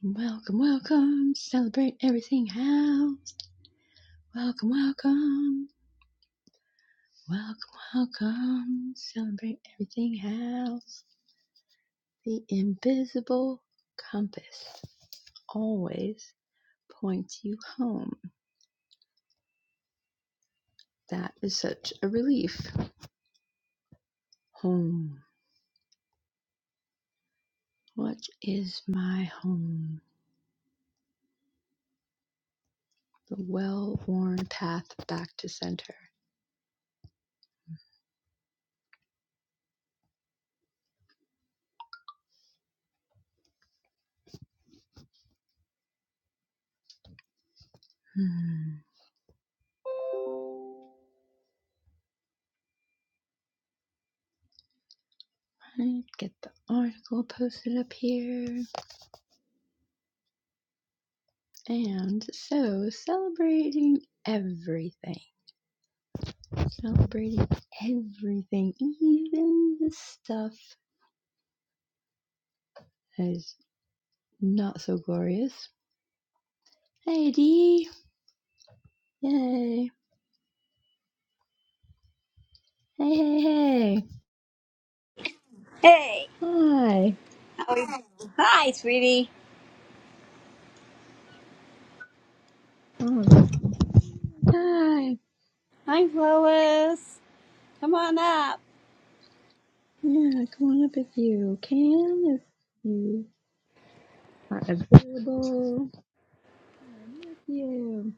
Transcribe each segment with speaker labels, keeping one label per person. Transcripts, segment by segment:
Speaker 1: Welcome, welcome. Celebrate everything house. Welcome, welcome. Welcome, welcome. Celebrate everything house. The invisible compass always points you home. That is such a relief. Home. What is my home? The well worn path back to center. Hmm. Alright, get the article posted up here. And so, celebrating everything, celebrating everything, even the stuff that is not so glorious. Hey, Dee! Yay! Hey, hey, hey!
Speaker 2: Hey.
Speaker 1: Hi!
Speaker 2: How are you? Hi, sweetie.
Speaker 1: Oh, hi!
Speaker 2: I'm Lois. Come on up.
Speaker 1: Yeah, come on up if you can, if you are available. I'm with you.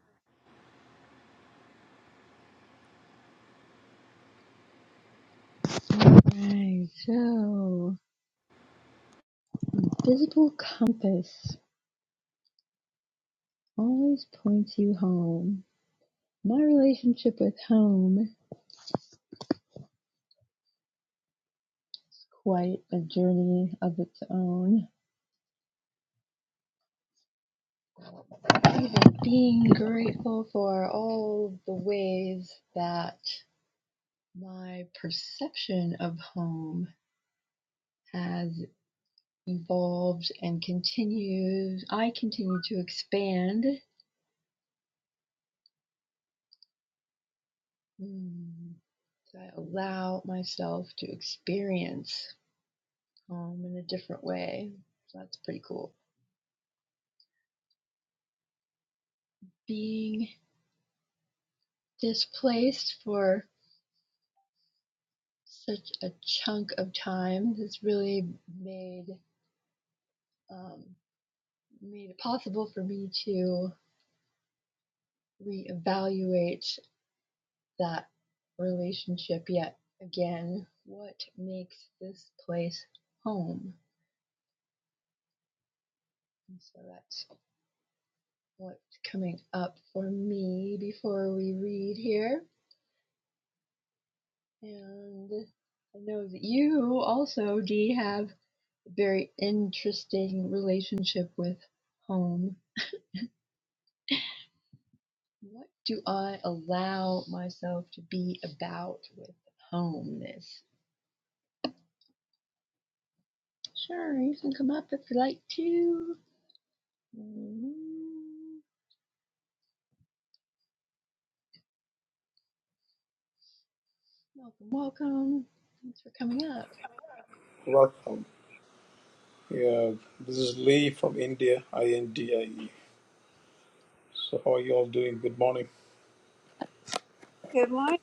Speaker 1: Alright, so, visible compass always points you home. My relationship with home is quite a journey of its own. Even being grateful for all the ways that my perception of home has evolved and continues, I continue to expand. Mm, so I allow myself to experience home in a different way. So that's pretty cool. Being displaced for such a chunk of time. This really made um, made it possible for me to reevaluate that relationship yet again. What makes this place home? And so that's what's coming up for me before we read here. And I know that you also, Dee, have a very interesting relationship with home What do I allow myself to be about with homeness? Sure, you can come up if you like to. Mm, Welcome, welcome. Thanks for coming up.
Speaker 3: Welcome. Yeah, this is Lee from India, I N D I E. So, how are you all doing? Good morning.
Speaker 2: Good morning.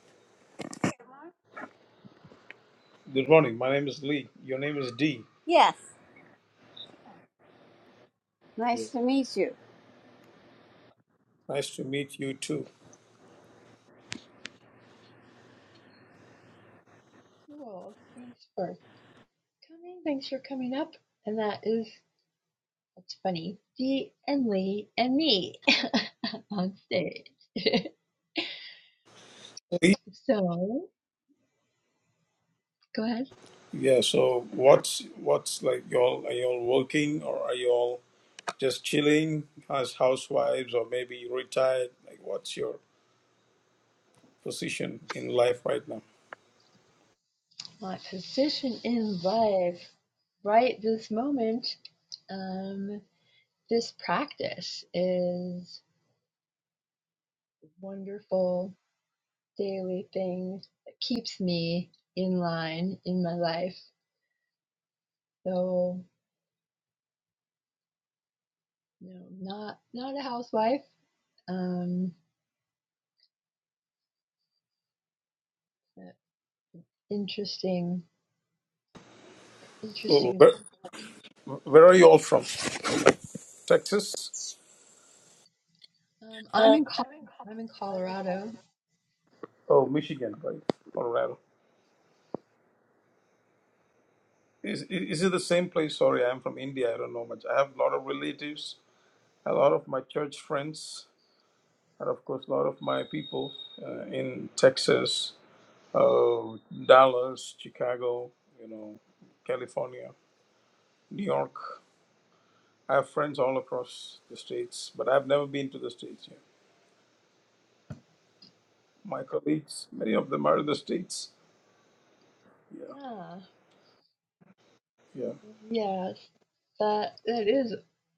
Speaker 3: Good morning. My name is Lee. Your name is D.
Speaker 2: Yes.
Speaker 3: Yeah.
Speaker 2: Nice to meet you.
Speaker 3: Nice to meet you too.
Speaker 1: Cool. Thanks for coming. Thanks for coming up. And that is, that's funny, Dee and Lee and me on stage.
Speaker 3: Lee.
Speaker 1: so, go ahead.
Speaker 3: Yeah. So, what's what's like? You all are you all working or are you all just chilling as housewives or maybe retired? Like, what's your position in life right now?
Speaker 1: My position in life right this moment. Um, This practice is a wonderful daily thing that keeps me in line in my life. So, you know, not not a housewife. Um, interesting,
Speaker 3: Oh,
Speaker 1: interesting.
Speaker 3: where where are you all from? Texas?
Speaker 1: Um, I'm
Speaker 3: Oh,
Speaker 1: in Col- I'm in Colorado.
Speaker 3: Michigan, right? Colorado. Is, is it the same place? Sorry, I'm from India. I don't know much. I have a lot of relatives, a lot of my church friends, and of course, a lot of my people uh, in Texas, uh, Dallas, Chicago, you know, California, New York. I have friends all across the states, but I've never been to the states yet. My colleagues, many of them are in the states. Yeah,
Speaker 1: Ah,
Speaker 3: yeah,
Speaker 1: yes, that that is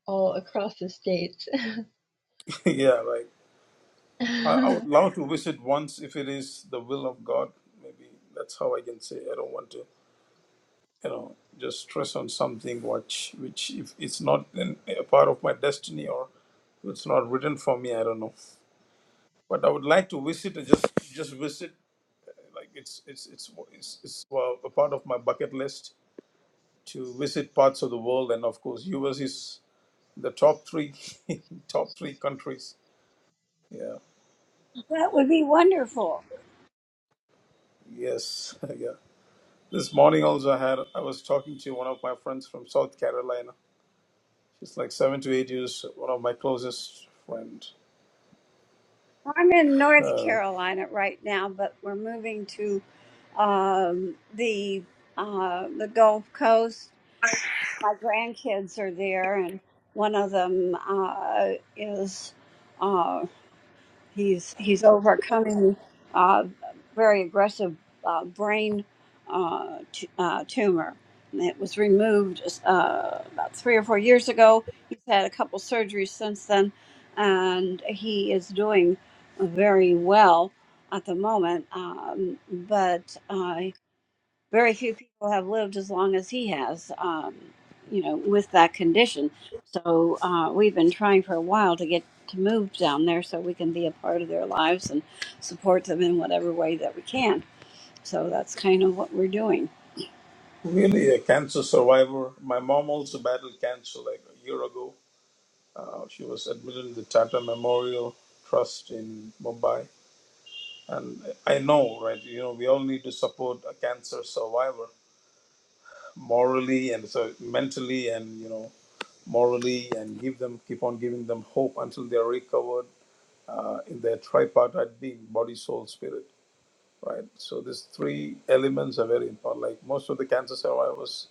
Speaker 1: all across the states.
Speaker 3: yeah. Right. I, I would
Speaker 1: well,
Speaker 3: love to visit once if it is the will of God. Maybe that's how I can say I don't want to. you know just stress on something which which if it's not in, a part of my destiny or it's not written for me i don't know but i would like to visit and just just visit like it's it's it's it's, it's well, a part of my bucket list to visit parts of the world and of course us is the top three top three countries yeah
Speaker 2: That would be wonderful.
Speaker 3: yes yeah this morning also i had i was talking to one of my friends from south carolina she's like seven to eight years one of my closest friend
Speaker 2: I'm in North
Speaker 3: Um,
Speaker 2: Carolina right now, but we're moving to um, the uh, the Gulf Coast. My grandkids are there, and one of them uh, is. uh, He's he's overcoming uh, very aggressive uh, brain uh, t- uh, tumor. And it was removed uh, about three or four years ago. He's had a couple surgeries since then, and he is doing very well at the moment. Um, but uh, very few people have lived as long as he has, um, you know, with that condition. So uh, we've been trying for a while to get to move down there so we can be a part of their lives and support them in whatever way that we can. So that's kind of what we're doing.
Speaker 3: Really, a cancer survivor. My mom also battled cancer like a year ago. Uh, she was admitted in the Tata Memorial Trust in Mumbai. And I know, right? You know, we all need to support a cancer survivor morally and so mentally, and you know, morally, and give them, keep on giving them hope until they are recovered uh, in their tripartite being, body, soul, spirit, right? So these three elements are very important. Like most of the cancer survivors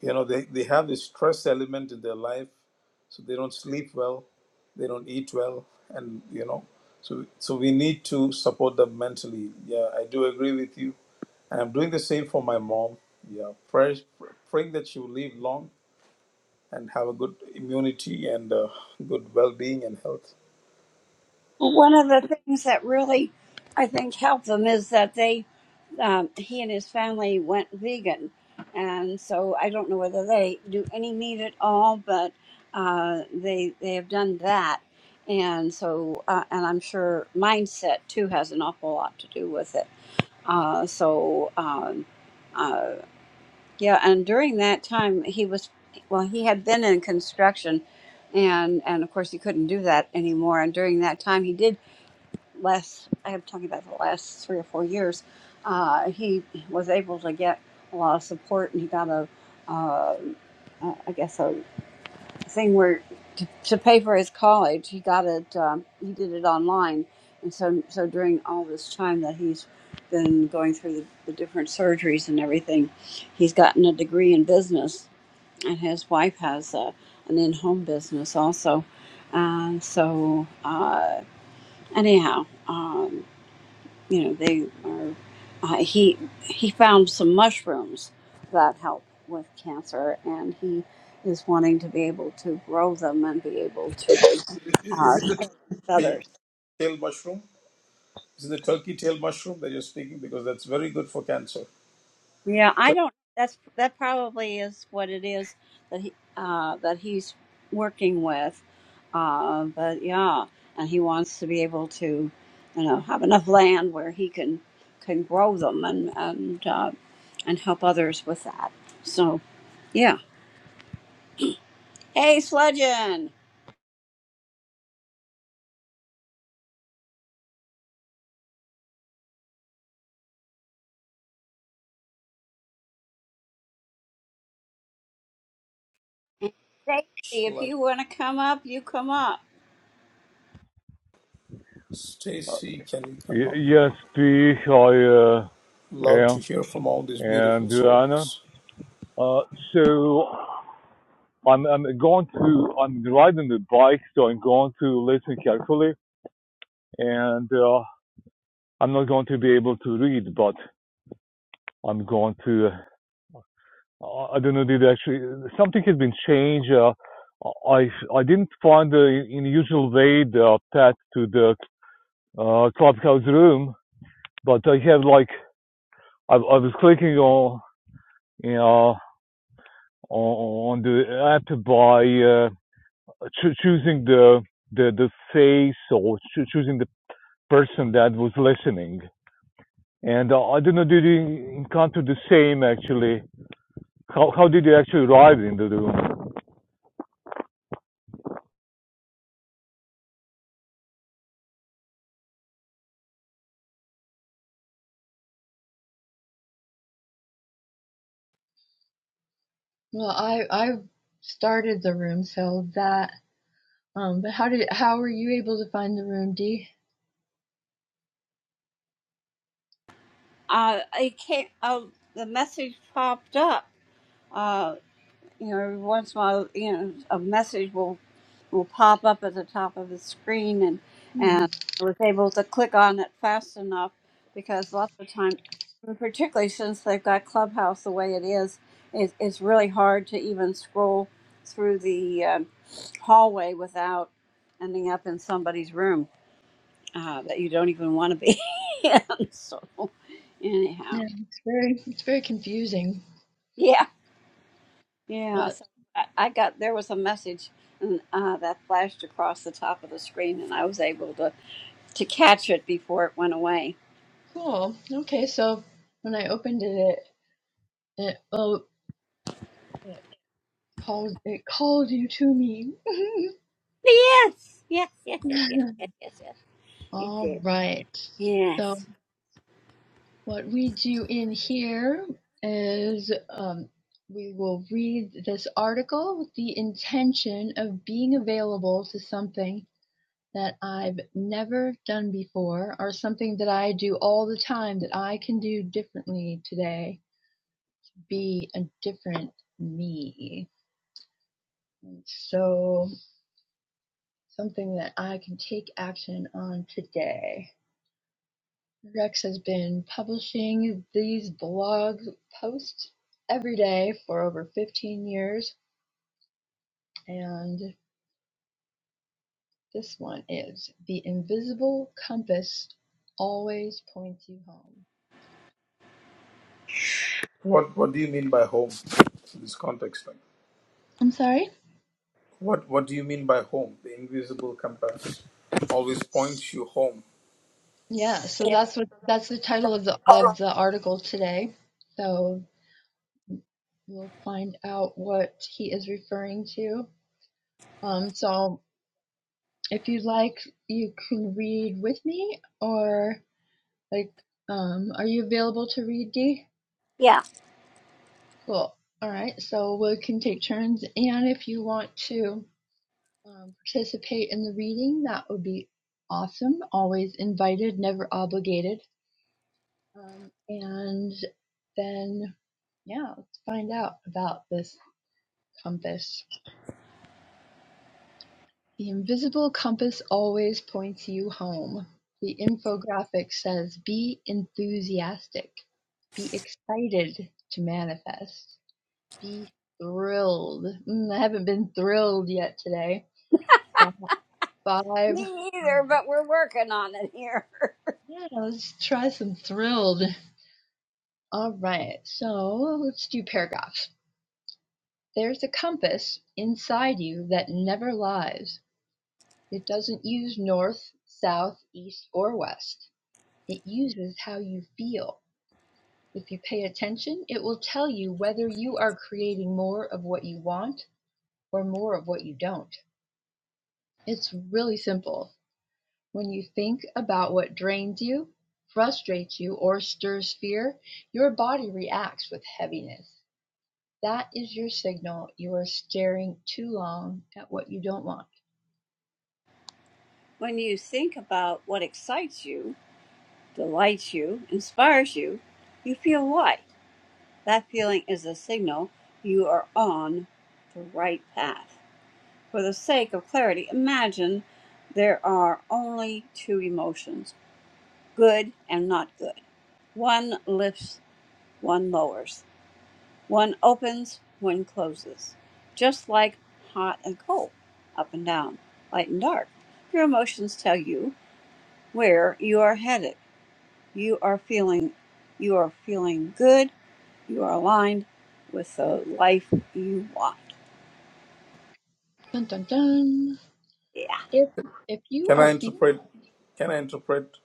Speaker 3: You know, they, they have this stress element in their life, so they don't sleep well, they don't eat well, and you know, so so we need to support them mentally. Yeah, I do agree with you, and I'm doing the same for my mom. Yeah, prayers, praying that she will live long and have a good immunity and uh, good well-being and health.
Speaker 2: One of the things that really I think helped them is that they um, he and his family went vegan, and so I don't know whether they do any meat at all, but uh, they they have done that, and so uh, and I'm sure mindset too has an awful lot to do with it. Uh, so um, uh, yeah, and during that time he was well, he had been in construction. And, and of course he couldn't do that anymore. And during that time, he did last I'm talking about the last three or four years, uh, he was able to get a lot of support, and he got a, uh, uh, I guess a thing where to, to pay for his college. He got it. Um, he did it online, and so so during all this time that he's been going through the, the different surgeries and everything, he's gotten a degree in business, and his wife has a, an in-home business also. And so uh, anyhow. um, you know they are uh, he he found some mushrooms that help with cancer and he is wanting to be able to grow them and be able to
Speaker 3: I- Is
Speaker 2: uh, share
Speaker 3: it
Speaker 2: with
Speaker 3: the tail
Speaker 2: others
Speaker 3: tail mushroom? Is it the turkey tail mushroom that you're speaking? Because that's very good for cancer.
Speaker 2: yeah i don't that's that probably is what it is that he uh, that he's working with uh, but yeah and he wants to be able to you know have enough land where he can can grow them and and uh, and help others with that so yeah Hey, Sludgeon. Stacy, if
Speaker 3: like
Speaker 2: you want to come up, you come up.
Speaker 4: Uh,
Speaker 3: Stacy, can you come up?
Speaker 4: yes, please. I uh,
Speaker 3: Love to
Speaker 4: am
Speaker 3: hear from all these beautiful
Speaker 4: and Anna.
Speaker 3: souls.
Speaker 4: Uh, so I'm I'm going to I'm riding the bike, so I'm going to listen carefully, and uh, I'm not going to be able to read, but I'm going to. Uh, I don't know. Did actually something has been changed? Uh, I I didn't find the in the usual way the path to the uh, clubhouse room, but I have like I, I was clicking on you know. on the app by uh, choo- choosing the the the face or choo- choosing the person that was listening. And uh, I don't know, did you encounter the same actually? How how did you actually arrive into the room?
Speaker 1: I I started the room, so that. Um, but how did how were you able to find the room, Dee?
Speaker 2: Uh, I can't. Uh, the message popped up. Uh, you know, every once in a while, you know, a message will will pop up at the top of the screen, and
Speaker 1: Hmm.
Speaker 2: and I was able to click on it fast enough because lots of time, and particularly since they've got Clubhouse the way it is, it, it's really hard to even scroll through the um hallway without ending up in somebody's room. uh, that you don't even want to be in. So, anyhow,
Speaker 1: Yeah, it's very it's very confusing,
Speaker 2: yeah, yeah.
Speaker 1: but
Speaker 2: So I, I got there was a message and, uh, that flashed across the top of the screen, and I was able to to catch it before it went away.
Speaker 1: cool. Okay, so when I opened it, it, it oh it called it called you to me.
Speaker 2: Yes, yes, yes, yes, yes, yes, yes, yes. It
Speaker 1: All
Speaker 2: did.
Speaker 1: right. So
Speaker 2: Yes.
Speaker 1: what we do in here is um, we will read this article with the intention of being available to something that I've never done before or something that I do all the time that I can do differently today, be a different me. So, something that I can take action on today. Rex has been publishing these blog posts every day for over 15 years, and this one is The Invisible Compass Always Points You Home.
Speaker 3: What What do you mean by home? In this context, like,
Speaker 1: I'm sorry?
Speaker 3: what What do you mean by home? The invisible compass always points you home.
Speaker 1: Yeah, so
Speaker 3: Yeah.
Speaker 1: that's what that's the title of the of the article today. So we'll find out what he is referring to. Um, so if you'd like, you can read with me, or like, um, are you available to read, D?
Speaker 2: Yeah.
Speaker 1: Cool. All right, so we can take turns, and if you want to um, participate in the reading, that would be awesome. Always invited, never obligated. Um, and then, yeah, let's find out about this compass. The invisible compass always points you home. The infographic says be enthusiastic, be excited to manifest, be thrilled. Mm, I haven't been thrilled yet today. Vibe.
Speaker 2: Me either, but we're working on it here.
Speaker 1: Yeah, let's try some thrilled. All right, so let's do paragraphs. There's a compass inside you that never lies. It doesn't use north, south, east, or west. It uses how you feel. If you pay attention, it will tell you whether you are creating more of what you want or more of what you don't. It's really simple. When you think about what drains you, frustrates you, or stirs fear, your body reacts with heaviness. That is your signal you are staring too long at what you don't want.
Speaker 2: when you think about what excites you, delights you, inspires you, you feel what? That feeling is a signal you are on the right path. For the sake of clarity, imagine there are only two emotions good and not good. One lifts, one lowers. One opens, one closes. Just like hot and cold, up and down, light and dark. Your emotions tell you where you are headed. You are feeling you are feeling good. You are aligned with the life you want.
Speaker 1: Dun dun dun.
Speaker 2: Yeah.
Speaker 1: If if you
Speaker 3: Can I
Speaker 1: are feeling
Speaker 3: interpret? Can I interpret?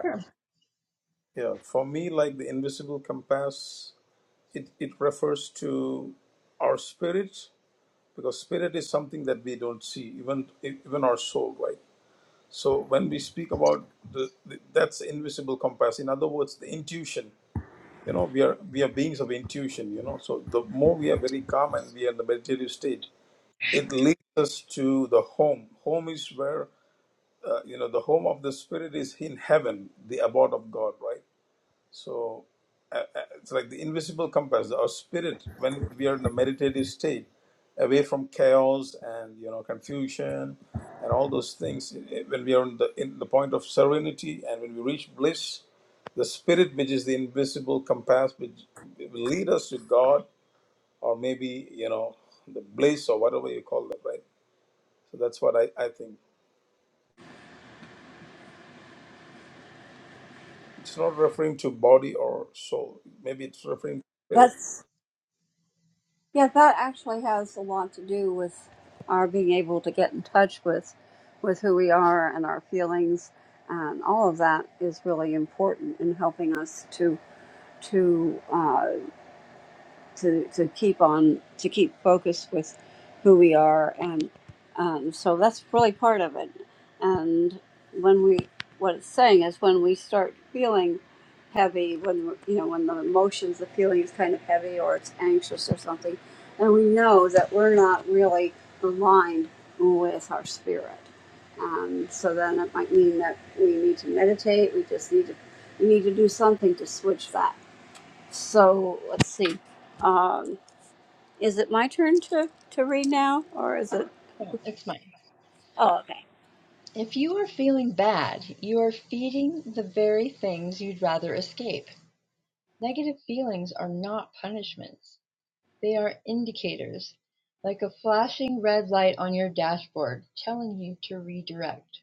Speaker 1: sure,
Speaker 3: Yeah, for me, like the invisible compass, it, it refers to our spirit because spirit is something that we don't see, even even our soul, right? So when we speak about the, the that's the invisible compass. In other words, the intuition you know we are we are beings of intuition you know so the more we are very calm and we are in the meditative state it leads us to the home home is where uh, you know the home of the spirit is in heaven the abode of god right so uh, uh, it's like the invisible compass, our spirit, when we are in the meditative state, away from chaos and you know confusion and all those things. i- i- When we are in the in the point of serenity and when we reach bliss, the spirit, which is the invisible compass, which will lead us to God or maybe you know the bliss or whatever you call that, right? So that's what I, I think. It's not referring to body or soul. Maybe it's referring to spirit.
Speaker 2: That's yeah, that actually has a lot to do with our being able to get in touch with with who we are and our feelings and all of that is really important in helping us to to uh, to, to keep on to keep focus with who we are and um, so that's really part of it and when we what it's saying is when we start feeling heavy when you know when the emotions the feeling is kind of heavy or it's anxious or something and we know that we're not really aligned with our spirit um, so then it might mean that we need to meditate we just need to we need to do something to switch that so let's see. Um, is it my turn to, to read now, or is it?
Speaker 1: no, it's mine.
Speaker 2: Oh, okay.
Speaker 1: If you are feeling bad, you are feeding the very things you'd rather escape. Negative feelings are not punishments. They are indicators, like a flashing red light on your dashboard telling you to redirect.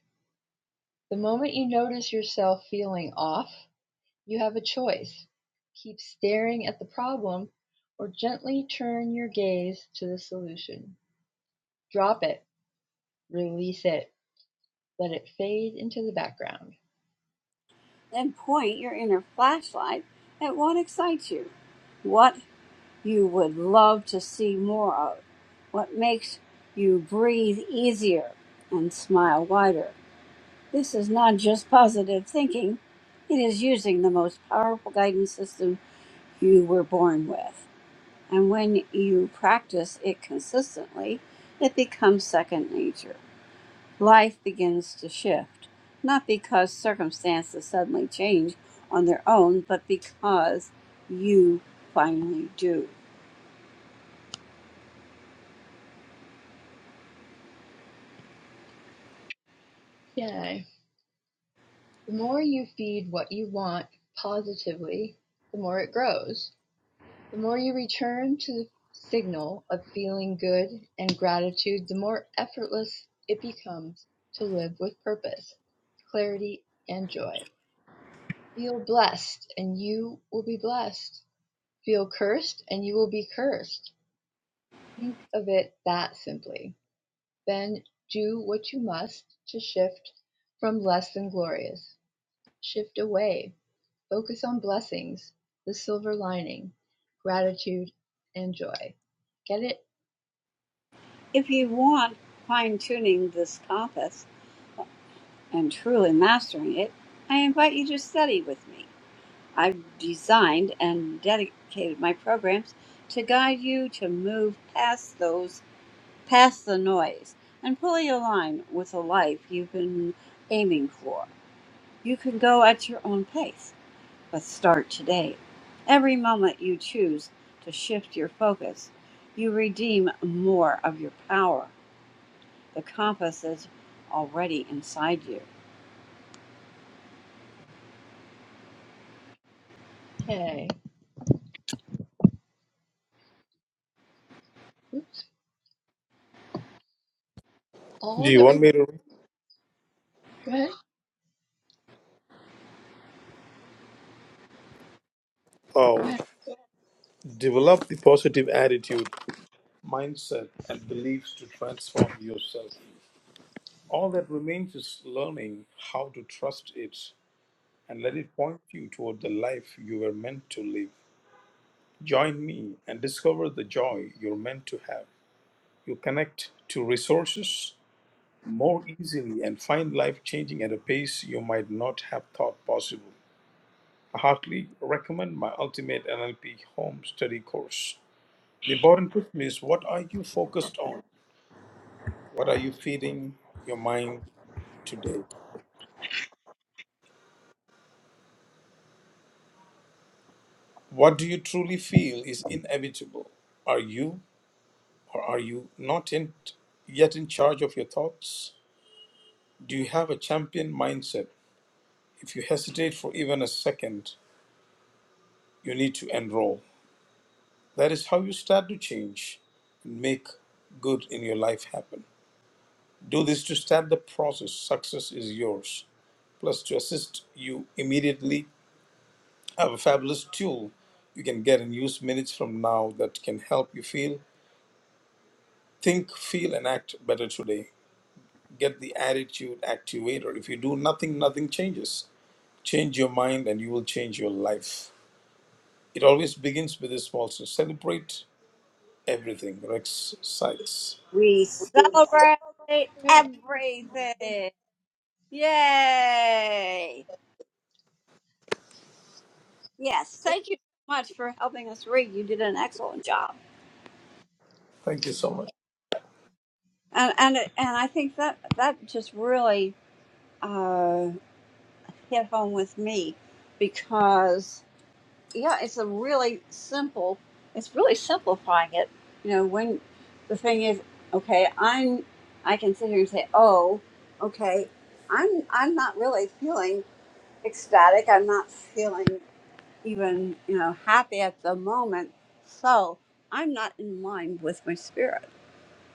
Speaker 1: The moment you notice yourself feeling off, you have a choice. Keep staring at the problem or gently turn your gaze to the solution. Drop it Release it. Let it fade into the background.
Speaker 2: Then point your inner flashlight at what excites you, what you would love to see more of, what makes you breathe easier and smile wider. This is not just positive thinking, it is using the most powerful guidance system you were born with. And when you practice it consistently, it becomes second nature. Life begins to shift, not because circumstances suddenly change on their own, but because you finally do.
Speaker 1: Yay. The more you feed what you want positively, the more it grows. The more you return to the signal of feeling good and gratitude, the more effortless it becomes to live with purpose, clarity, and joy. Feel blessed and you will be blessed. Feel cursed and you will be cursed. Think of it that simply. Then do what you must to shift from less than glorious. Shift away. Focus on blessings, the silver lining, gratitude, and joy. Get it?
Speaker 2: If you want fine tuning this compass and truly mastering it, I invite you to study with me. I've designed and dedicated my programs to guide you to move past those past the noise and pull your line with the life you've been aiming for. You can go at your own pace, but start today. Every moment you choose to shift your focus, you redeem more of your power. The compass is already inside you.
Speaker 1: Okay. Oops.
Speaker 3: Do
Speaker 1: All
Speaker 3: you
Speaker 1: that. Re-
Speaker 3: want me to? read?
Speaker 1: go ahead. Go
Speaker 3: Oh.
Speaker 1: ahead.
Speaker 3: Develop the positive attitude, mindset, and beliefs to transform yourself. All that remains is learning how to trust it and let it point you toward the life you were meant to live. Join me and discover the joy you're meant to have. You connect to resources more easily and find life changing at a pace you might not have thought possible. I heartily recommend my Ultimate NLP Home Study course. The important question is what are you focused on? What are you feeding your mind today? What do you truly feel is inevitable? Are you or are you not in, yet in charge of your thoughts? Do you have a champion mindset? If you hesitate for even a second, you need to enroll. That is how you start to change and make good in your life happen. Do this to start the process. Success is yours. Plus, to assist you immediately have a fabulous tool you can get and use minutes from now that can help you feel, think, feel, and act better today. Get the attitude activator. If you do nothing, nothing changes. Change your mind and you will change your life. It always begins with a small so celebrate everything. Rex Sykes.
Speaker 2: We celebrate
Speaker 1: Write
Speaker 2: everything. Yay! Yes, thank you so much for helping us read. You did an excellent job.
Speaker 3: Thank you so much.
Speaker 2: and and it- and I think that that just really uh, hit home with me because yeah, it's a really simple. It's really simplifying it. You know, when the thing is, okay, I'm I can sit here and say, oh, okay, I'm I'm not really feeling ecstatic. I'm not feeling even you know happy at the moment. So I'm not in line with my spirit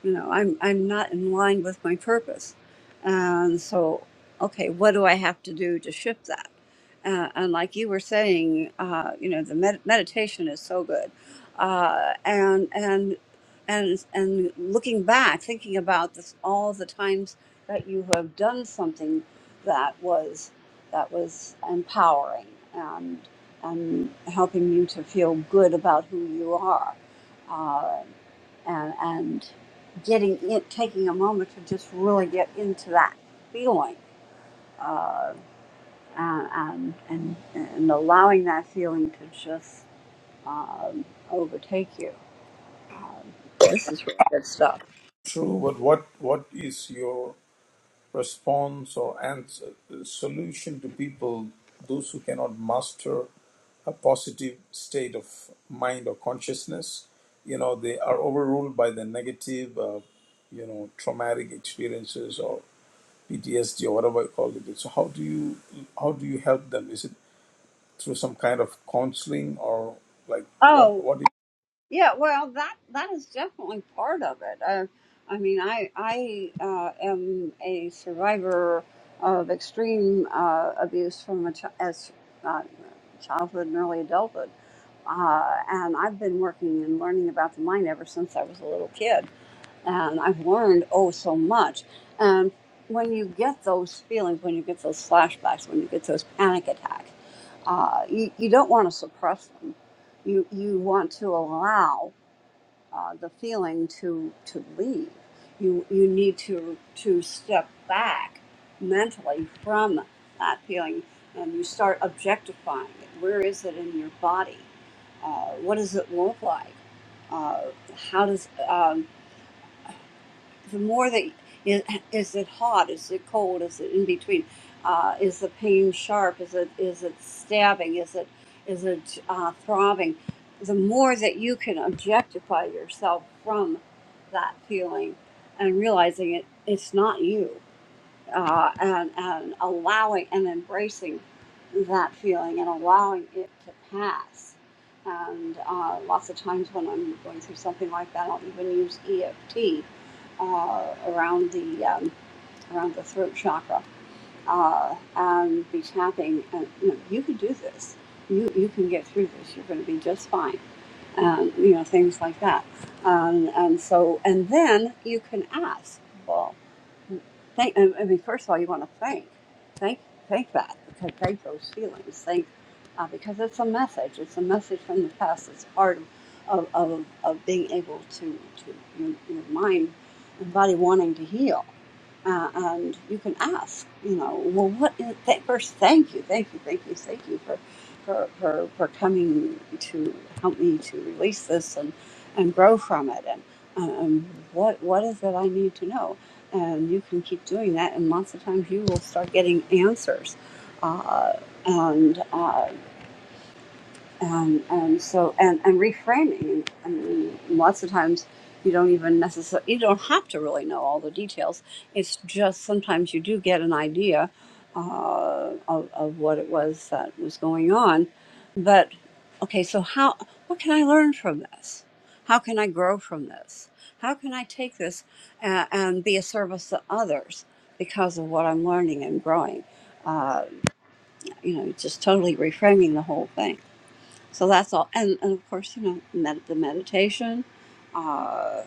Speaker 2: you know i'm i'm not in line with my purpose and so okay what do i have to do to shift that uh, and like you were saying uh, you know the med- meditation is so good uh, and and and and looking back thinking about this all the times that you have done something that was that was empowering and and helping you to feel good about who you are uh, and and getting it, taking a moment to just really get into that feeling, uh, and, and and allowing that feeling to just um, overtake you. This is really good stuff.
Speaker 3: True, but what what is your response or ans solution to people, those who cannot master a positive state of mind or consciousness, you know, they are overruled by the negative, uh, you know, traumatic experiences or PTSD or whatever you call it. So how do you how do you help them? Is it through some kind of counseling or like what
Speaker 2: Oh.
Speaker 3: what you-
Speaker 2: Yeah, well, that that is definitely part of it. I, I mean, I I uh, am a survivor of extreme uh, abuse from a ch- as uh, childhood and early adulthood, uh, and I've been working and learning about the mind ever since I was a little kid and I've learned oh so much. And when you get those feelings, when you get those flashbacks, when you get those panic attacks, uh, you, you don't want to suppress them. You you want to allow uh, the feeling to to leave. You you need to to step back mentally from that feeling, and you start objectifying it. Where is it in your body? Uh, what does it look like? Uh, how does um, the more that is, is it hot is it cold is it in between uh, is the pain sharp is it is it stabbing is it is it uh, throbbing the more that you can objectify yourself from that feeling and realizing it it's not you uh, and, and allowing and embracing that feeling and allowing it to pass. And uh, lots of times when I'm going through something like that, I'll even use EFT uh, around the um, around the throat chakra uh, and be tapping. And you know, you can do this. You you can get through this. You're going to be just fine um, you know, things like that. Um, and so, and then you can ask, well, thank, I I mean, first of all, you want to thank, thank, thank that, because thank those feelings, thank, uh, because it's a message, it's a message from the past, it's part of, of, of, of being able to, to your, your mind and body wanting to heal uh, and you can ask, you know, well, what is th- first? Thank you, thank you, thank you, thank you for for for, for coming to help me to release this and and grow from it. And um, what what is it I need to know? And you can keep doing that, and lots of times you will start getting answers. Uh, and uh, and and so and and reframing i mean lots of times you don't even necessarily you don't have to really know all the details it's just sometimes you do get an idea uh, of, of what it was that was going on but okay so how what can i learn from this how can i grow from this how can i take this and, and be a service to others because of what i'm learning and growing uh, you know just totally reframing the whole thing so that's all and, and of course you know med- the meditation uh,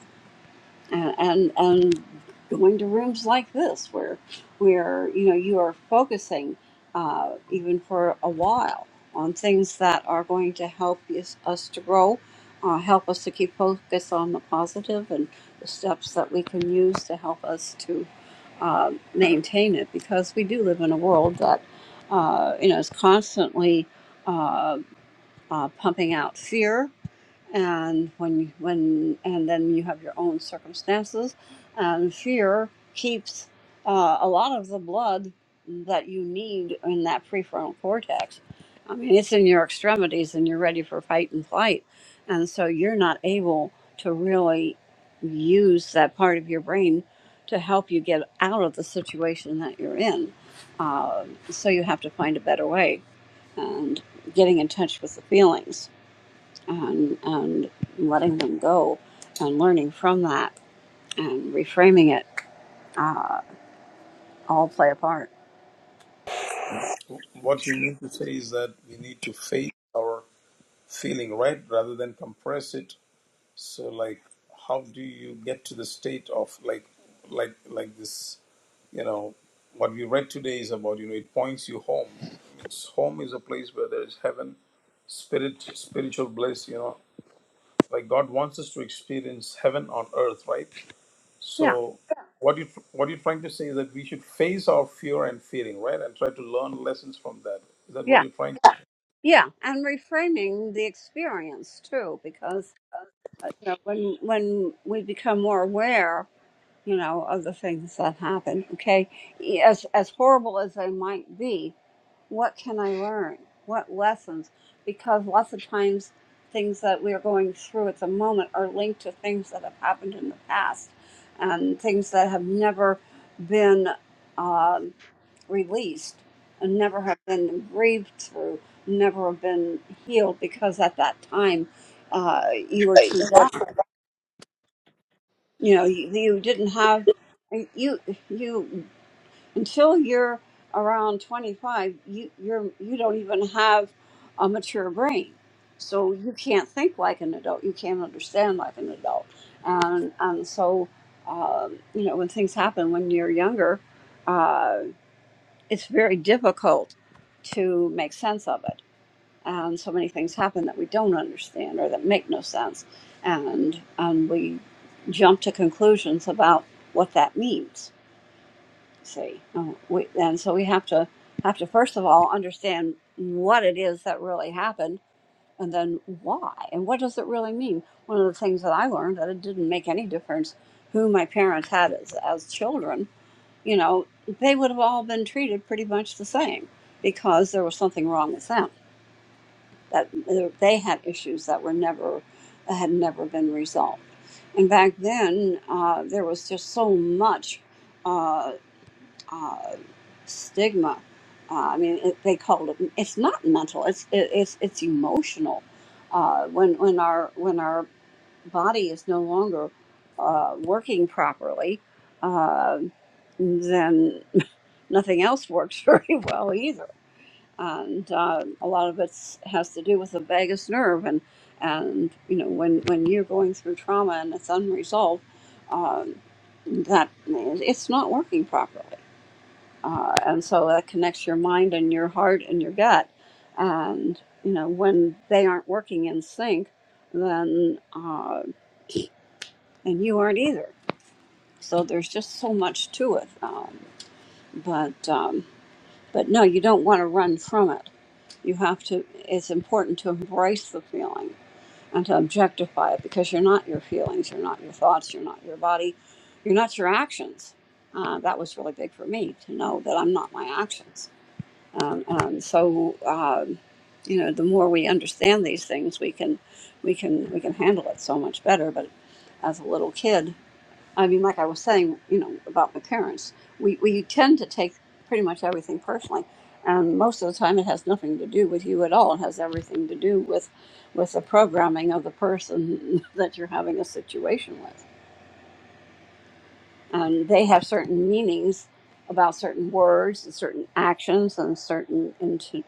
Speaker 2: and, and and going to rooms like this where where you know you are focusing uh, even for a while on things that are going to help us, us to grow uh, help us to keep focus on the positive and the steps that we can use to help us to uh, maintain it because we do live in a world that uh, you know is constantly uh, uh, pumping out fear and when you, when and then you have your own circumstances and fear keeps uh, a lot of the blood that you need in that prefrontal cortex i mean it's in your extremities and you're ready for fight and flight and so you're not able to really use that part of your brain to help you get out of the situation that you're in uh, so you have to find a better way and getting in touch with the feelings and, and letting them go and learning from that and reframing it all play a part.
Speaker 3: what you mean to say is that we need to face our feeling right rather than compress it So like how do you get to the state of like like like this you know what we read today is about you know it points you home. It's home is a place where there is heaven, spirit, spiritual bliss, you know. Like God wants us to experience heaven on earth, right?
Speaker 2: Yeah,
Speaker 3: So what you what you're trying to say is that we should face our fear and fearing, right? And try to learn lessons from that. Is that what
Speaker 2: yeah,
Speaker 3: you're trying?
Speaker 2: yeah. And reframing the experience too, because uh, you know, when when we become more aware you know, of the things that happen. Okay. E, As, as horrible as they might be, what can I learn? What lessons? Because lots of times things that we are going through at the moment are linked to things that have happened in the past and things that have never been um, released and never have been grieved through, never have been healed because at that time uh, you were too young you know you, you didn't have uh, you you until you're around 25 you you're you don't even have a mature brain so you can't think like an adult you can't understand like an adult and and so um, you know when things happen when you're younger uh, it's very difficult to make sense of it and so many things happen that we don't understand or that make no sense and and we jump to conclusions about what that means see Uh, we, and so we have to have to first of all understand what it is that really happened and then why and what does it really mean one of the things that i learned that it didn't make any difference who my parents had as, as children you know they would have all been treated pretty much the same because there was something wrong with them that they had issues that were never had never been resolved. And back then, uh, there was just so much uh, uh, stigma. Uh, I mean, it, they called it. It's not mental. It's it, it's it's emotional. Uh, when when our when our body is no longer uh, working properly, uh, then nothing else works very well either and um, a lot of it has to do with the vagus nerve and and you know when when you're going through trauma and it's unresolved um, that it's not working properly uh, and so that connects your mind and your heart and your gut and you know when they aren't working in sync then uh, and you aren't either so there's just so much to it um, but um, but no you don't want to run from it You have to, it's important to embrace the feeling and to objectify it because you're not your feelings, you're not your thoughts, you're not your body, you're not your actions. Uh, that was really big for me to know that I'm not my actions. Um, and so, um, you know, the more we understand these things, we can, we can, we can handle it so much better. But as a little kid, I mean, like I was saying, you know, about my parents, we, we tend to take pretty much everything personally. And most of the time, it has nothing to do with you at all. It has everything to do with, with the programming of the person that you're having a situation with and they have certain meanings about certain words and certain actions and certain into,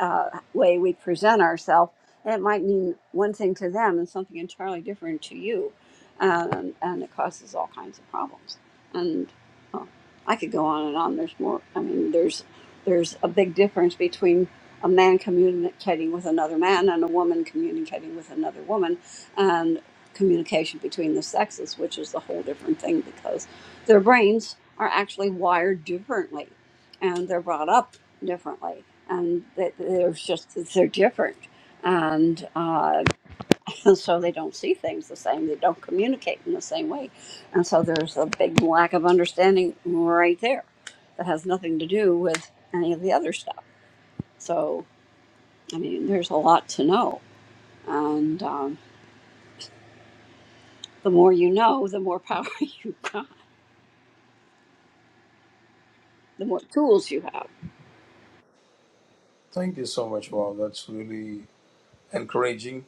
Speaker 2: uh, way we present ourselves. And it might mean one thing to them and something entirely different to you, um, and it causes all kinds of problems. And oh, I could go on and on. There's more. I mean, there's there's a big difference between a man communicating with another man and a woman communicating with another woman, and communication between the sexes, which is a whole different thing because their brains are actually wired differently and they're brought up differently and they- they're just they're different and uh, and so they don't see things the same they don't communicate in the same way and so there's a big lack of understanding right there that has nothing to do with any of the other stuff so i mean there's a lot to know and um, the more you know the more power you got the more tools you have
Speaker 3: Thank you so much, Bob. That's really encouraging.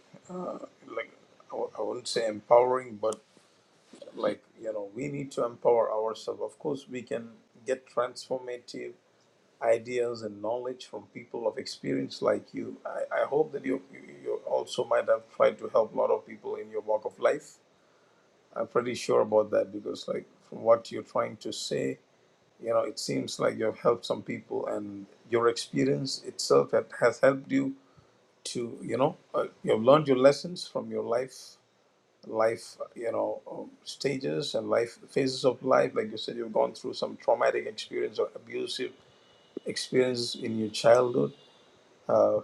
Speaker 3: like I wouldn't say empowering, but like you know, we need to empower ourselves. Of course, we can get transformative ideas and knowledge from people of experience like you. I, I hope that you, you you also might have tried to help a lot of people in your walk of life. I'm pretty sure about that because like from what you're trying to say, you know, it seems like you've helped some people, and your experience itself that has helped you to you know uh, you've learned your lessons from your life life, you know, um, stages and life phases of life. Like you said, you've gone through some traumatic experience or abusive experience in your childhood. Uh,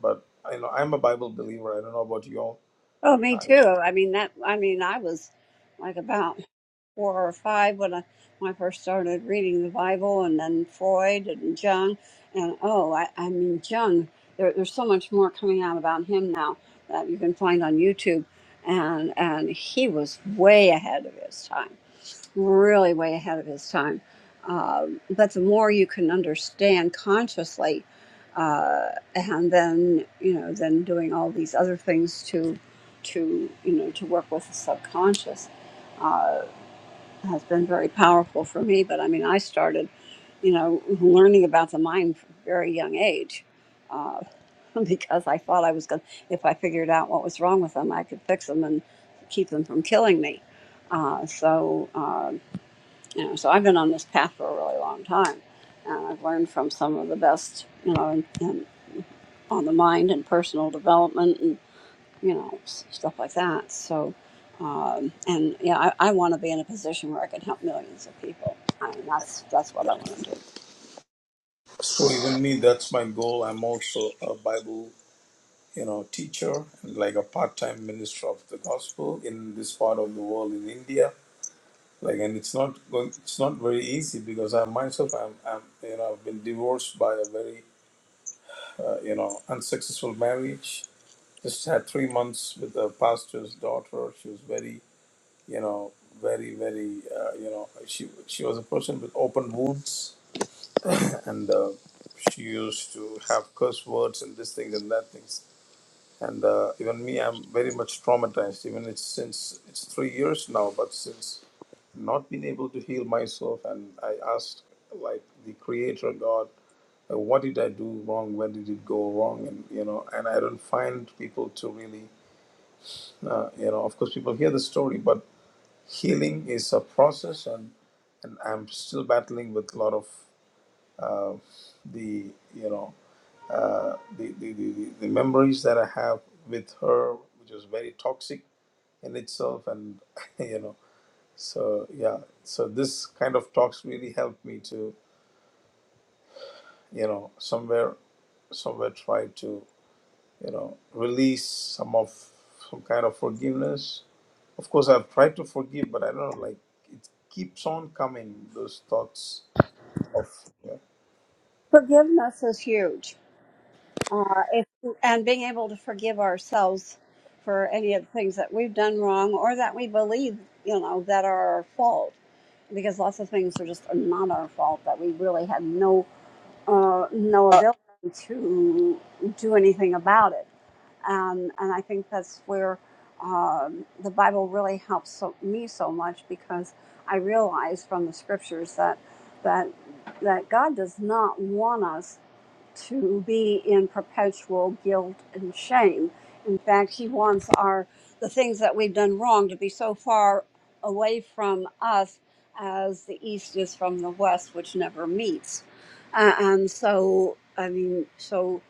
Speaker 3: but you know, I'm a Bible believer. I don't know about you all.
Speaker 2: Oh, me
Speaker 3: I,
Speaker 2: too. I mean that. I mean, I was like about four or five when I when I first started reading the Bible, and then Freud and Jung, and oh, I, I mean Jung. There, there's so much more coming out about him now that you can find on YouTube, and and he was way ahead of his time really way ahead of his time. Um, but the more you can understand consciously, uh, and then you know, then doing all these other things to, to you know, to work with the subconscious, uh, has been very powerful for me. But I mean, I started, you know, learning about the mind from a very young age. Uh, because I thought I was going to, if I figured out what was wrong with them, I could fix them and keep them from killing me. Uh, so, Uh, you know, so I've been on this path for a really long time, and I've learned from some of the best, you know, in, in, on the mind and personal development and you know s- stuff like that. So, um, and yeah, I, I want to be in a position where I can help millions of people. I mean, that's that's what I want to do.
Speaker 3: so even me, that's my goal. I'm also a Bible, you know, teacher, and like a part-time minister of the gospel in this part of the world in India. Like, and it's not going. It's not very easy because I myself, I'm, I'm, you know, I've been divorced by a very uh, you know, unsuccessful marriage. Just had three months with the pastor's daughter. She was very, you know, very, very, uh, you know, she she was a person with open wounds, and uh, she used to have curse words and this things and that things. And uh, even me, I'm very much traumatized. Even it's since it's three years now, but since not been able to heal myself, and I asked like the Creator God uh, what did I do wrong? Where did it go wrong? And you know, and I don't find people to really, uh, you know, of course, people hear the story, but healing is a process, and and I'm still battling with a lot of uh, the you know uh, the, the, the the the memories that I have with her, which was very toxic in itself, and you know, so yeah, so this kind of talks really helped me to you know somewhere somewhere try to you know, release some of some kind of forgiveness. Of course, I've tried to forgive, but I don't know, like it keeps on coming those thoughts of yeah.
Speaker 2: Forgiveness is huge uh, if, and being able to forgive ourselves for any of the things that we've done wrong or that we believe, you know, that are our fault. Because lots of things are just not our fault that we really had no uh, no ability to do anything about it. Um, and I think that's where um, the Bible really helps so, me so much because I realize from the scriptures that that that God does not want us to be in perpetual guilt and shame. In fact, he wants our the things that we've done wrong to be so far away from us as the east is from the west, which never meets. Uh, and so, I mean, so,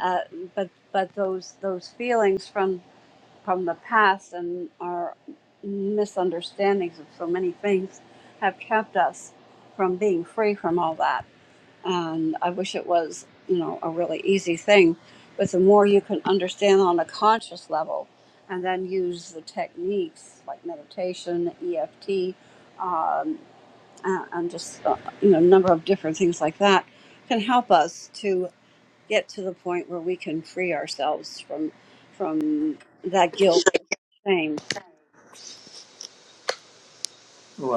Speaker 2: uh, but but those those feelings from from the past and our misunderstandings of so many things have kept us from being free from all that and I wish it was, you know, a really easy thing. But the more you can understand on a conscious level, and then use the techniques like meditation, EFT, um, and, and just uh, you know, a number of different things like that, can help us to get to the point where we can free ourselves from from that guilt, shame,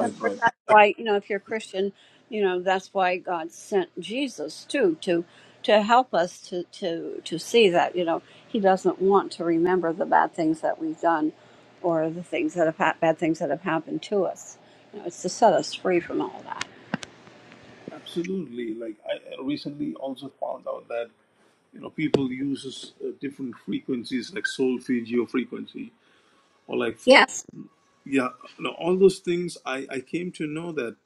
Speaker 2: Of course,
Speaker 3: right.
Speaker 2: that's why you know if you're a Christian, you know that's why God sent Jesus too to to help us to to to see that you know He doesn't want to remember the bad things that we've done or the things that have hap bad things that have happened to us. You know, it's to set us free from all that.
Speaker 3: Absolutely. Like I recently also found out that you know people use uh, different frequencies like soul field geo frequency or like
Speaker 2: Yes,
Speaker 3: yeah, you know, all those things. I I came to know that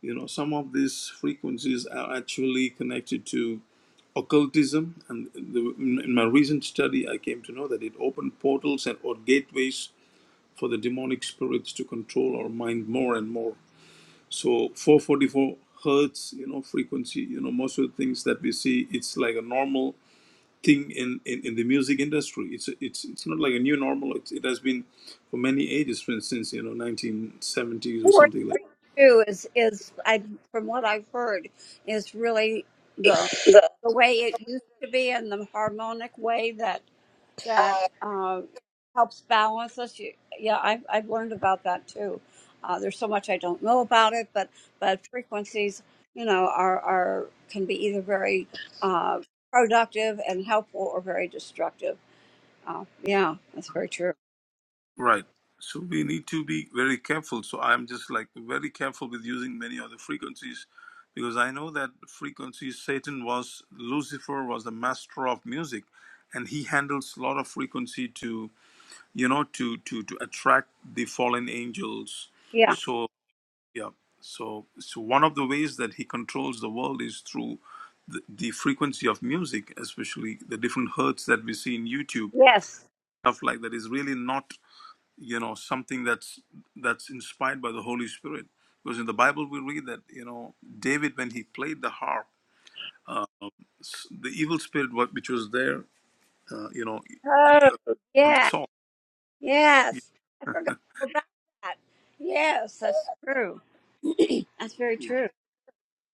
Speaker 3: you know some of these frequencies are actually connected to occultism and the, in my recent study i came to know that it opened portals and or gateways for the demonic spirits to control our mind more and more so 444 hertz you know frequency you know most of the things that we see it's like a normal thing in, in, in the music industry it's it's it's not like a new normal it, it has been for many ages for instance you know 1970s or
Speaker 2: four
Speaker 3: something like
Speaker 2: three two is is I from what I've heard is really the the way it used to be and the harmonic way that
Speaker 3: that
Speaker 2: that uh, helps balance us. You, yeah, I've, I've learned about that too. Uh, there's so much I don't know about it, but but frequencies, you know, are are can be either very uh, productive and helpful or very destructive. Uh, yeah, that's very true.
Speaker 3: Right. So we need to be very careful. So I'm just like very careful with using many other frequencies because I know that frequencies Satan was Lucifer was the master of music and he handles a lot of frequency to you know to to to attract the fallen angels.
Speaker 2: Yeah.
Speaker 3: So yeah. So so one of the ways that he controls the world is through the, the frequency of music, especially the different hertz that we see in YouTube,
Speaker 2: Yes.
Speaker 3: stuff like that is really not you know something that's that's inspired by the holy spirit because in the bible we read that you know david when he played the harp uh, s- the evil spirit what- which was there uh, you know
Speaker 2: Oh,
Speaker 3: on
Speaker 2: yeah.
Speaker 3: saul
Speaker 2: Yes. I forgot about that. Yes, that's true. That's very
Speaker 3: Yeah.
Speaker 2: true.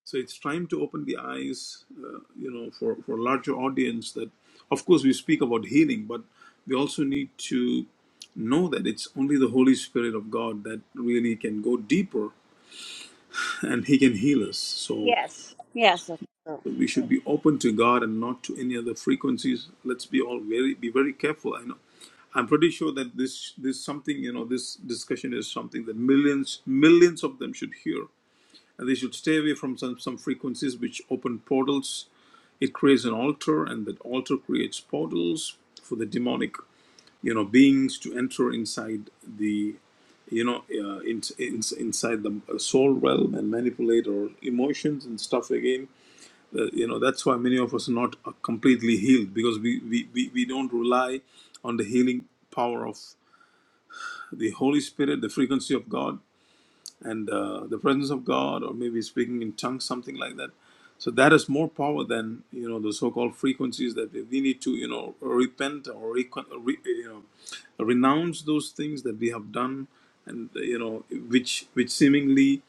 Speaker 3: so it's time to open the eyes uh, you know for for a larger audience that of course we speak about healing but we also need to know that it's only the holy spirit of god that really can go deeper and he can heal us so
Speaker 2: Yes. Yes, that's true.
Speaker 3: we should be open to God and not to any other frequencies. Let's be all very be very careful. I know. I'm pretty sure that this this something you know this discussion is something that millions millions of them should hear, and they should stay away from some some frequencies which open portals. It creates an altar, and that altar creates portals for the demonic you know beings to enter inside the you know uh, in, in, inside the soul realm and manipulate our emotions and stuff again uh, you know, that's why many of us are not uh, completely healed because we, we, we, we don't rely on the healing power of the Holy Spirit, the frequency of God, and uh, the presence of God, or maybe speaking in tongues, something like that. So that is more power than you know the so-called frequencies that we we need to you know repent or recon- uh, re, you know renounce those things that we have done and you know which which seemingly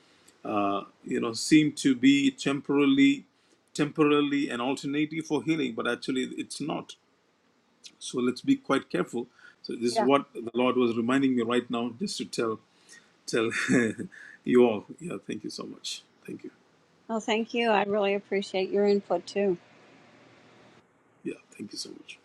Speaker 3: uh, you know, seem to be temporarily, temporarily an alternative for healing, but actually it's not. So let's be quite careful. So this is
Speaker 2: Yeah.
Speaker 3: what the Lord was reminding me right now, just to tell tell you all. Yeah, thank you so much. Thank you.
Speaker 2: Well, thank you. I really appreciate your input too.
Speaker 3: Yeah, thank you so much.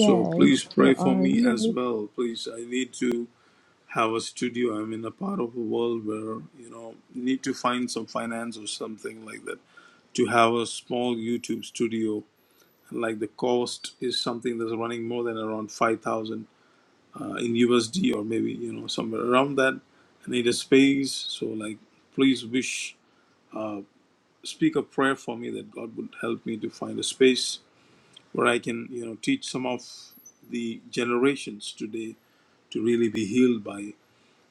Speaker 3: So please pray
Speaker 1: There
Speaker 3: for
Speaker 1: are.
Speaker 3: me as
Speaker 1: Yay.
Speaker 3: well. Please, I need to have a studio. I'm in a part of the world where you know need to find some finance or something like that to have a small YouTube studio like the cost is something that's running more than around 5000 uh, in usd or maybe you know somewhere around that i need a space so like please wish speak a prayer for me that god would help me to find a space where i can you know teach some of the generations today to really be healed by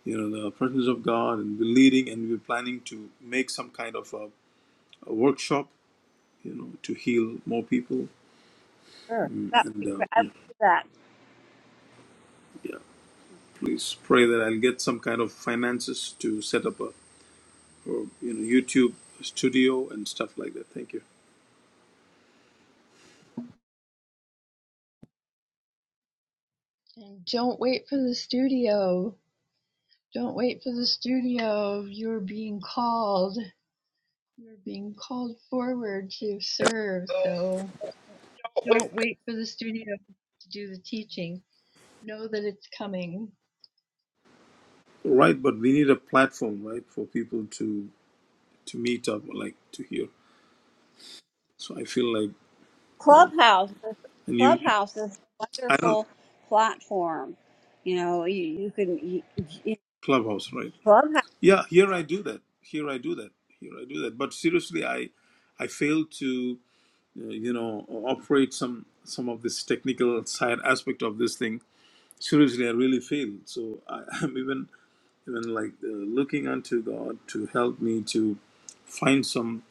Speaker 3: you know the presence of god and we're leading and we're planning to make some kind of a, a workshop you know to heal more people
Speaker 2: Sure.
Speaker 3: Mm,
Speaker 2: That would
Speaker 3: and
Speaker 2: be
Speaker 3: uh,
Speaker 2: great. I would
Speaker 3: yeah.
Speaker 2: do that.
Speaker 3: yeah. Please pray that I'll get some kind of finances to set up a or, you know YouTube studio and stuff like that. Thank you.
Speaker 1: And don't wait for the studio. Don't wait for the studio. You're being called. You're being called forward to serve. So Don't wait for the studio to do the teaching. Know that it's coming.
Speaker 3: Right, but we need a platform, right, for people to to meet up, like to hear. So I feel like, yeah,
Speaker 2: Clubhouse is
Speaker 3: and you,
Speaker 2: Clubhouse is a
Speaker 3: I don't
Speaker 2: wonderful platform. You know, you, you can you, you-
Speaker 3: clubhouse, right?
Speaker 2: Clubhouse.
Speaker 3: Yeah, here I do that. Here I do that. Here I do that. But seriously, I I fail to uh, you know operate some some of this technical side aspect of this thing. Seriously, I really fail. So I, I'm even even like uh, looking unto God to help me to find some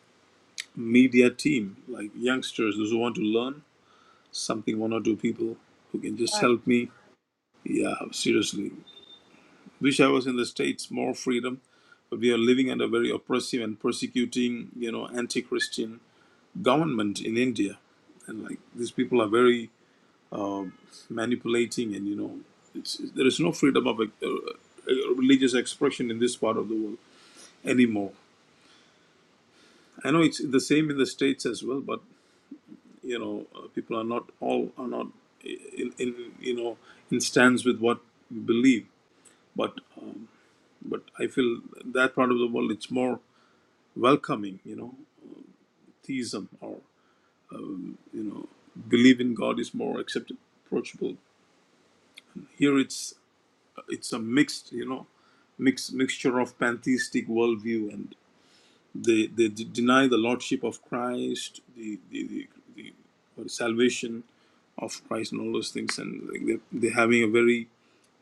Speaker 3: media team, like youngsters, those who want to learn something, one or two people who can just help me. Yeah, seriously. Wish I was in the States, more freedom, but we are living under very oppressive and persecuting, you know, anti Christian government in India. And like these people are very um manipulating, and you know, it's, there is no freedom of uh, uh, religious expression in this part of the world anymore I know it's the same in the states as well, but you know, uh, people are not all are not in, in you know in stands with what you believe. But but I feel that part of the world it's more welcoming. You know, theism or you know, believe in God is more accepted, approachable. Here it's it's a mixed you know, mix mixture of pantheistic worldview and they they d- deny the lordship of Christ, the the, the, the or salvation of Christ and all those things, and like, they're, they're having a very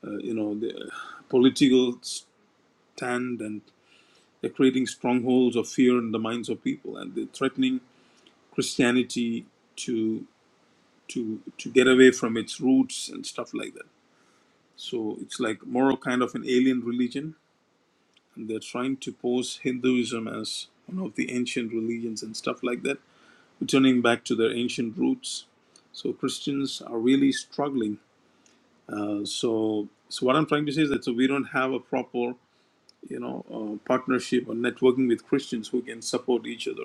Speaker 3: uh, you know the, uh, political stand, and they're creating strongholds of fear in the minds of people, and they're threatening Christianity to to to get away from its roots and stuff like that. So it's like more kind of an alien religion, and they're trying to pose Hinduism as one of the ancient religions and stuff like that, returning back to their ancient roots. So Christians are really struggling Uh, so so what i'm trying to say is that so we don't have a proper you know uh, partnership or networking with christians who can support each other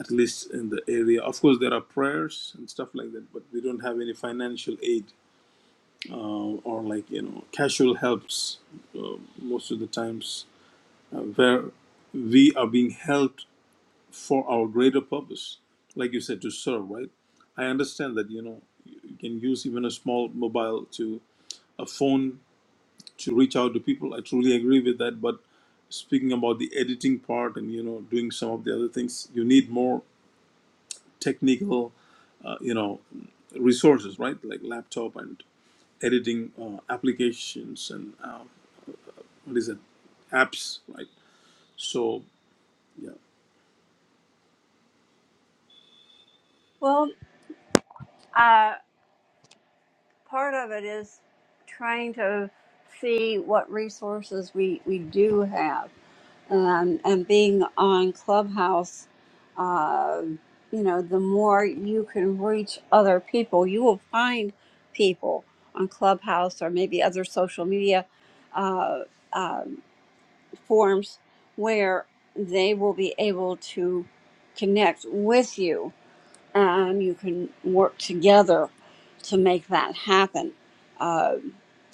Speaker 3: at least in the area of course there are prayers and stuff like that but we don't have any financial aid uh, or like you know casual helps uh, most of the times uh, where we are being helped for our greater purpose like you said to serve right i understand that you know you can use even a small mobile to a phone to reach out to people. I truly agree with that. But speaking about the editing part and you know doing some of the other things, you need more technical uh, you know resources, right? Like laptop and editing uh, applications and um, what is it, apps, right? So yeah,
Speaker 2: Well, uh, part of it is trying to see what resources we, we do have. um, and being on Clubhouse, uh, you know, the more you can reach other people, you will find people on Clubhouse or maybe other social media uh, um forms where they will be able to connect with you and you can work together to make that happen. Uh,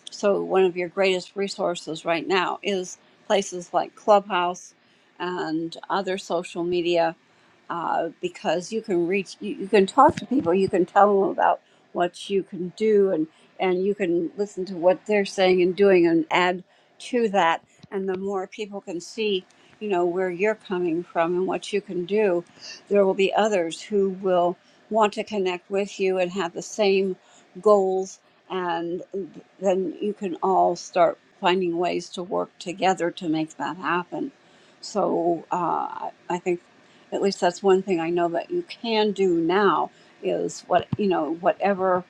Speaker 2: so, one of your greatest resources right now is places like Clubhouse and other social media uh, because you can reach, you, you can talk to people, you can tell them about what you can do, and, and you can listen to what they're saying and doing and add to that. And the more people can see, you know, where you're coming from and what you can do, there will be others who will want to connect with you and have the same goals. And then you can all start finding ways to work together to make that happen. So uh, I I think at least that's one thing I know that you can do now is what, you know, whatever,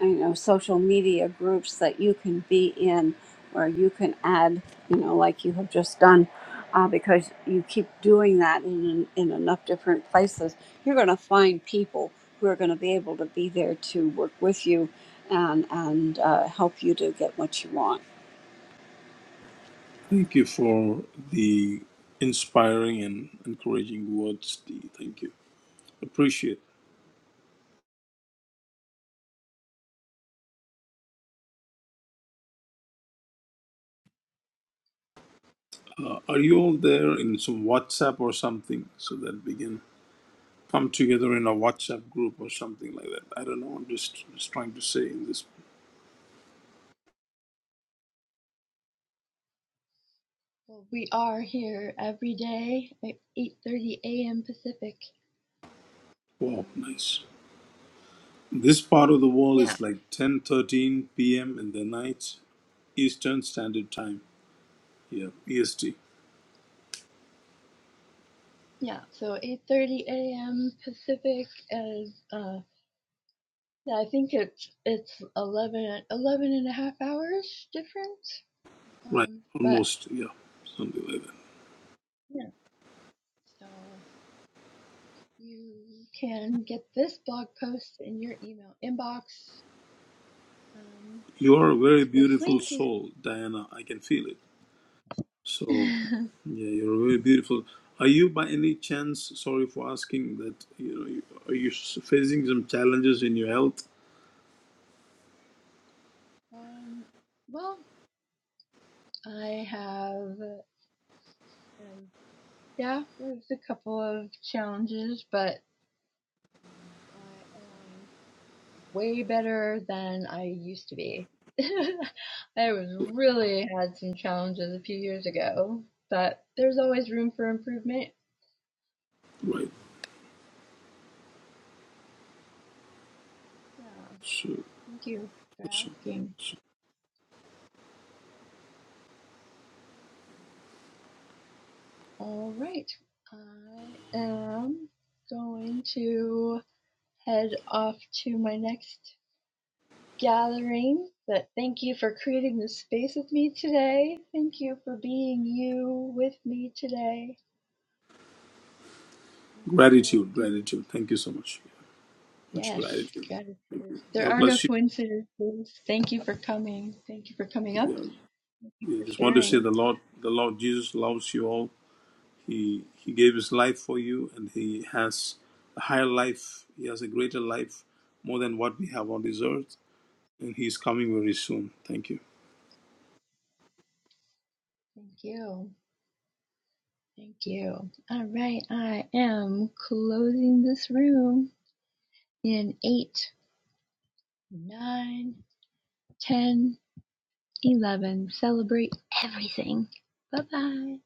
Speaker 2: you know, social media groups that you can be in where you can add, you know, like you have just done uh, because you keep doing that in, in enough different places, you're going to find people who are going to be able to be there to work with you and, and uh, help you to get what you want.
Speaker 3: thank you for the inspiring and encouraging words. Dee. Thank you, appreciate. Uh, are you all there in some WhatsApp or something so that we can? come together in a WhatsApp group or something like that. I don't know. I'm just, just trying to say in this.
Speaker 1: Well, we are here every day at 8:30 a.m. Pacific.
Speaker 3: Wow,
Speaker 1: Um,
Speaker 3: nice. This part of the world
Speaker 1: yeah,
Speaker 3: is like 10:13 p.m. in the night, Eastern Standard Time. Yeah, EST.
Speaker 1: yeah. So 8:30 a.m. Pacific is uh, yeah, I think it's it's 11 11 and a half hours difference.
Speaker 3: Right,
Speaker 1: Um, but
Speaker 3: almost. Yeah, something like that.
Speaker 1: yeah, so you can get this blog post in your email inbox. Um,
Speaker 3: You are a
Speaker 1: going
Speaker 3: very
Speaker 1: to this
Speaker 3: beautiful
Speaker 1: link.
Speaker 3: soul, Diana. I can feel it. So,
Speaker 1: You
Speaker 3: yeah, you're very beautiful. Are you by any chance, sorry for asking that, you know, you- are you s- facing some challenges in your health?
Speaker 1: Um, well, I have, um, yeah, there's a couple of challenges, but I am way better than I used to be. I was really had some challenges a few years ago, but there's always room for improvement.
Speaker 3: Right.
Speaker 1: Yeah,
Speaker 3: So,
Speaker 1: thank you for
Speaker 3: so.
Speaker 1: asking. All right, I am going to head off to my next gathering, but thank you for creating this space with me today. Thank you for being you with me today. We will
Speaker 3: Gratitude,
Speaker 1: be-
Speaker 3: gratitude. Thank you so much. Much
Speaker 1: Yes,
Speaker 3: gratitude.
Speaker 1: gratitude. There
Speaker 3: God
Speaker 1: are no
Speaker 3: bless you.
Speaker 1: coincidences. Thank you for coming. Thank you for coming
Speaker 3: Yeah.
Speaker 1: up. Thank you
Speaker 3: I
Speaker 1: for
Speaker 3: just want to say
Speaker 1: sharing.
Speaker 3: the Lord, the Lord Jesus loves you all. He He gave His life for you, and He has a higher life. He has a greater life, more than what we have on this earth. And He's coming very soon. Thank you.
Speaker 1: Thank you. Thank you. All right, I am closing this room in eight, nine, ten, eleven. Celebrate everything. Bye bye.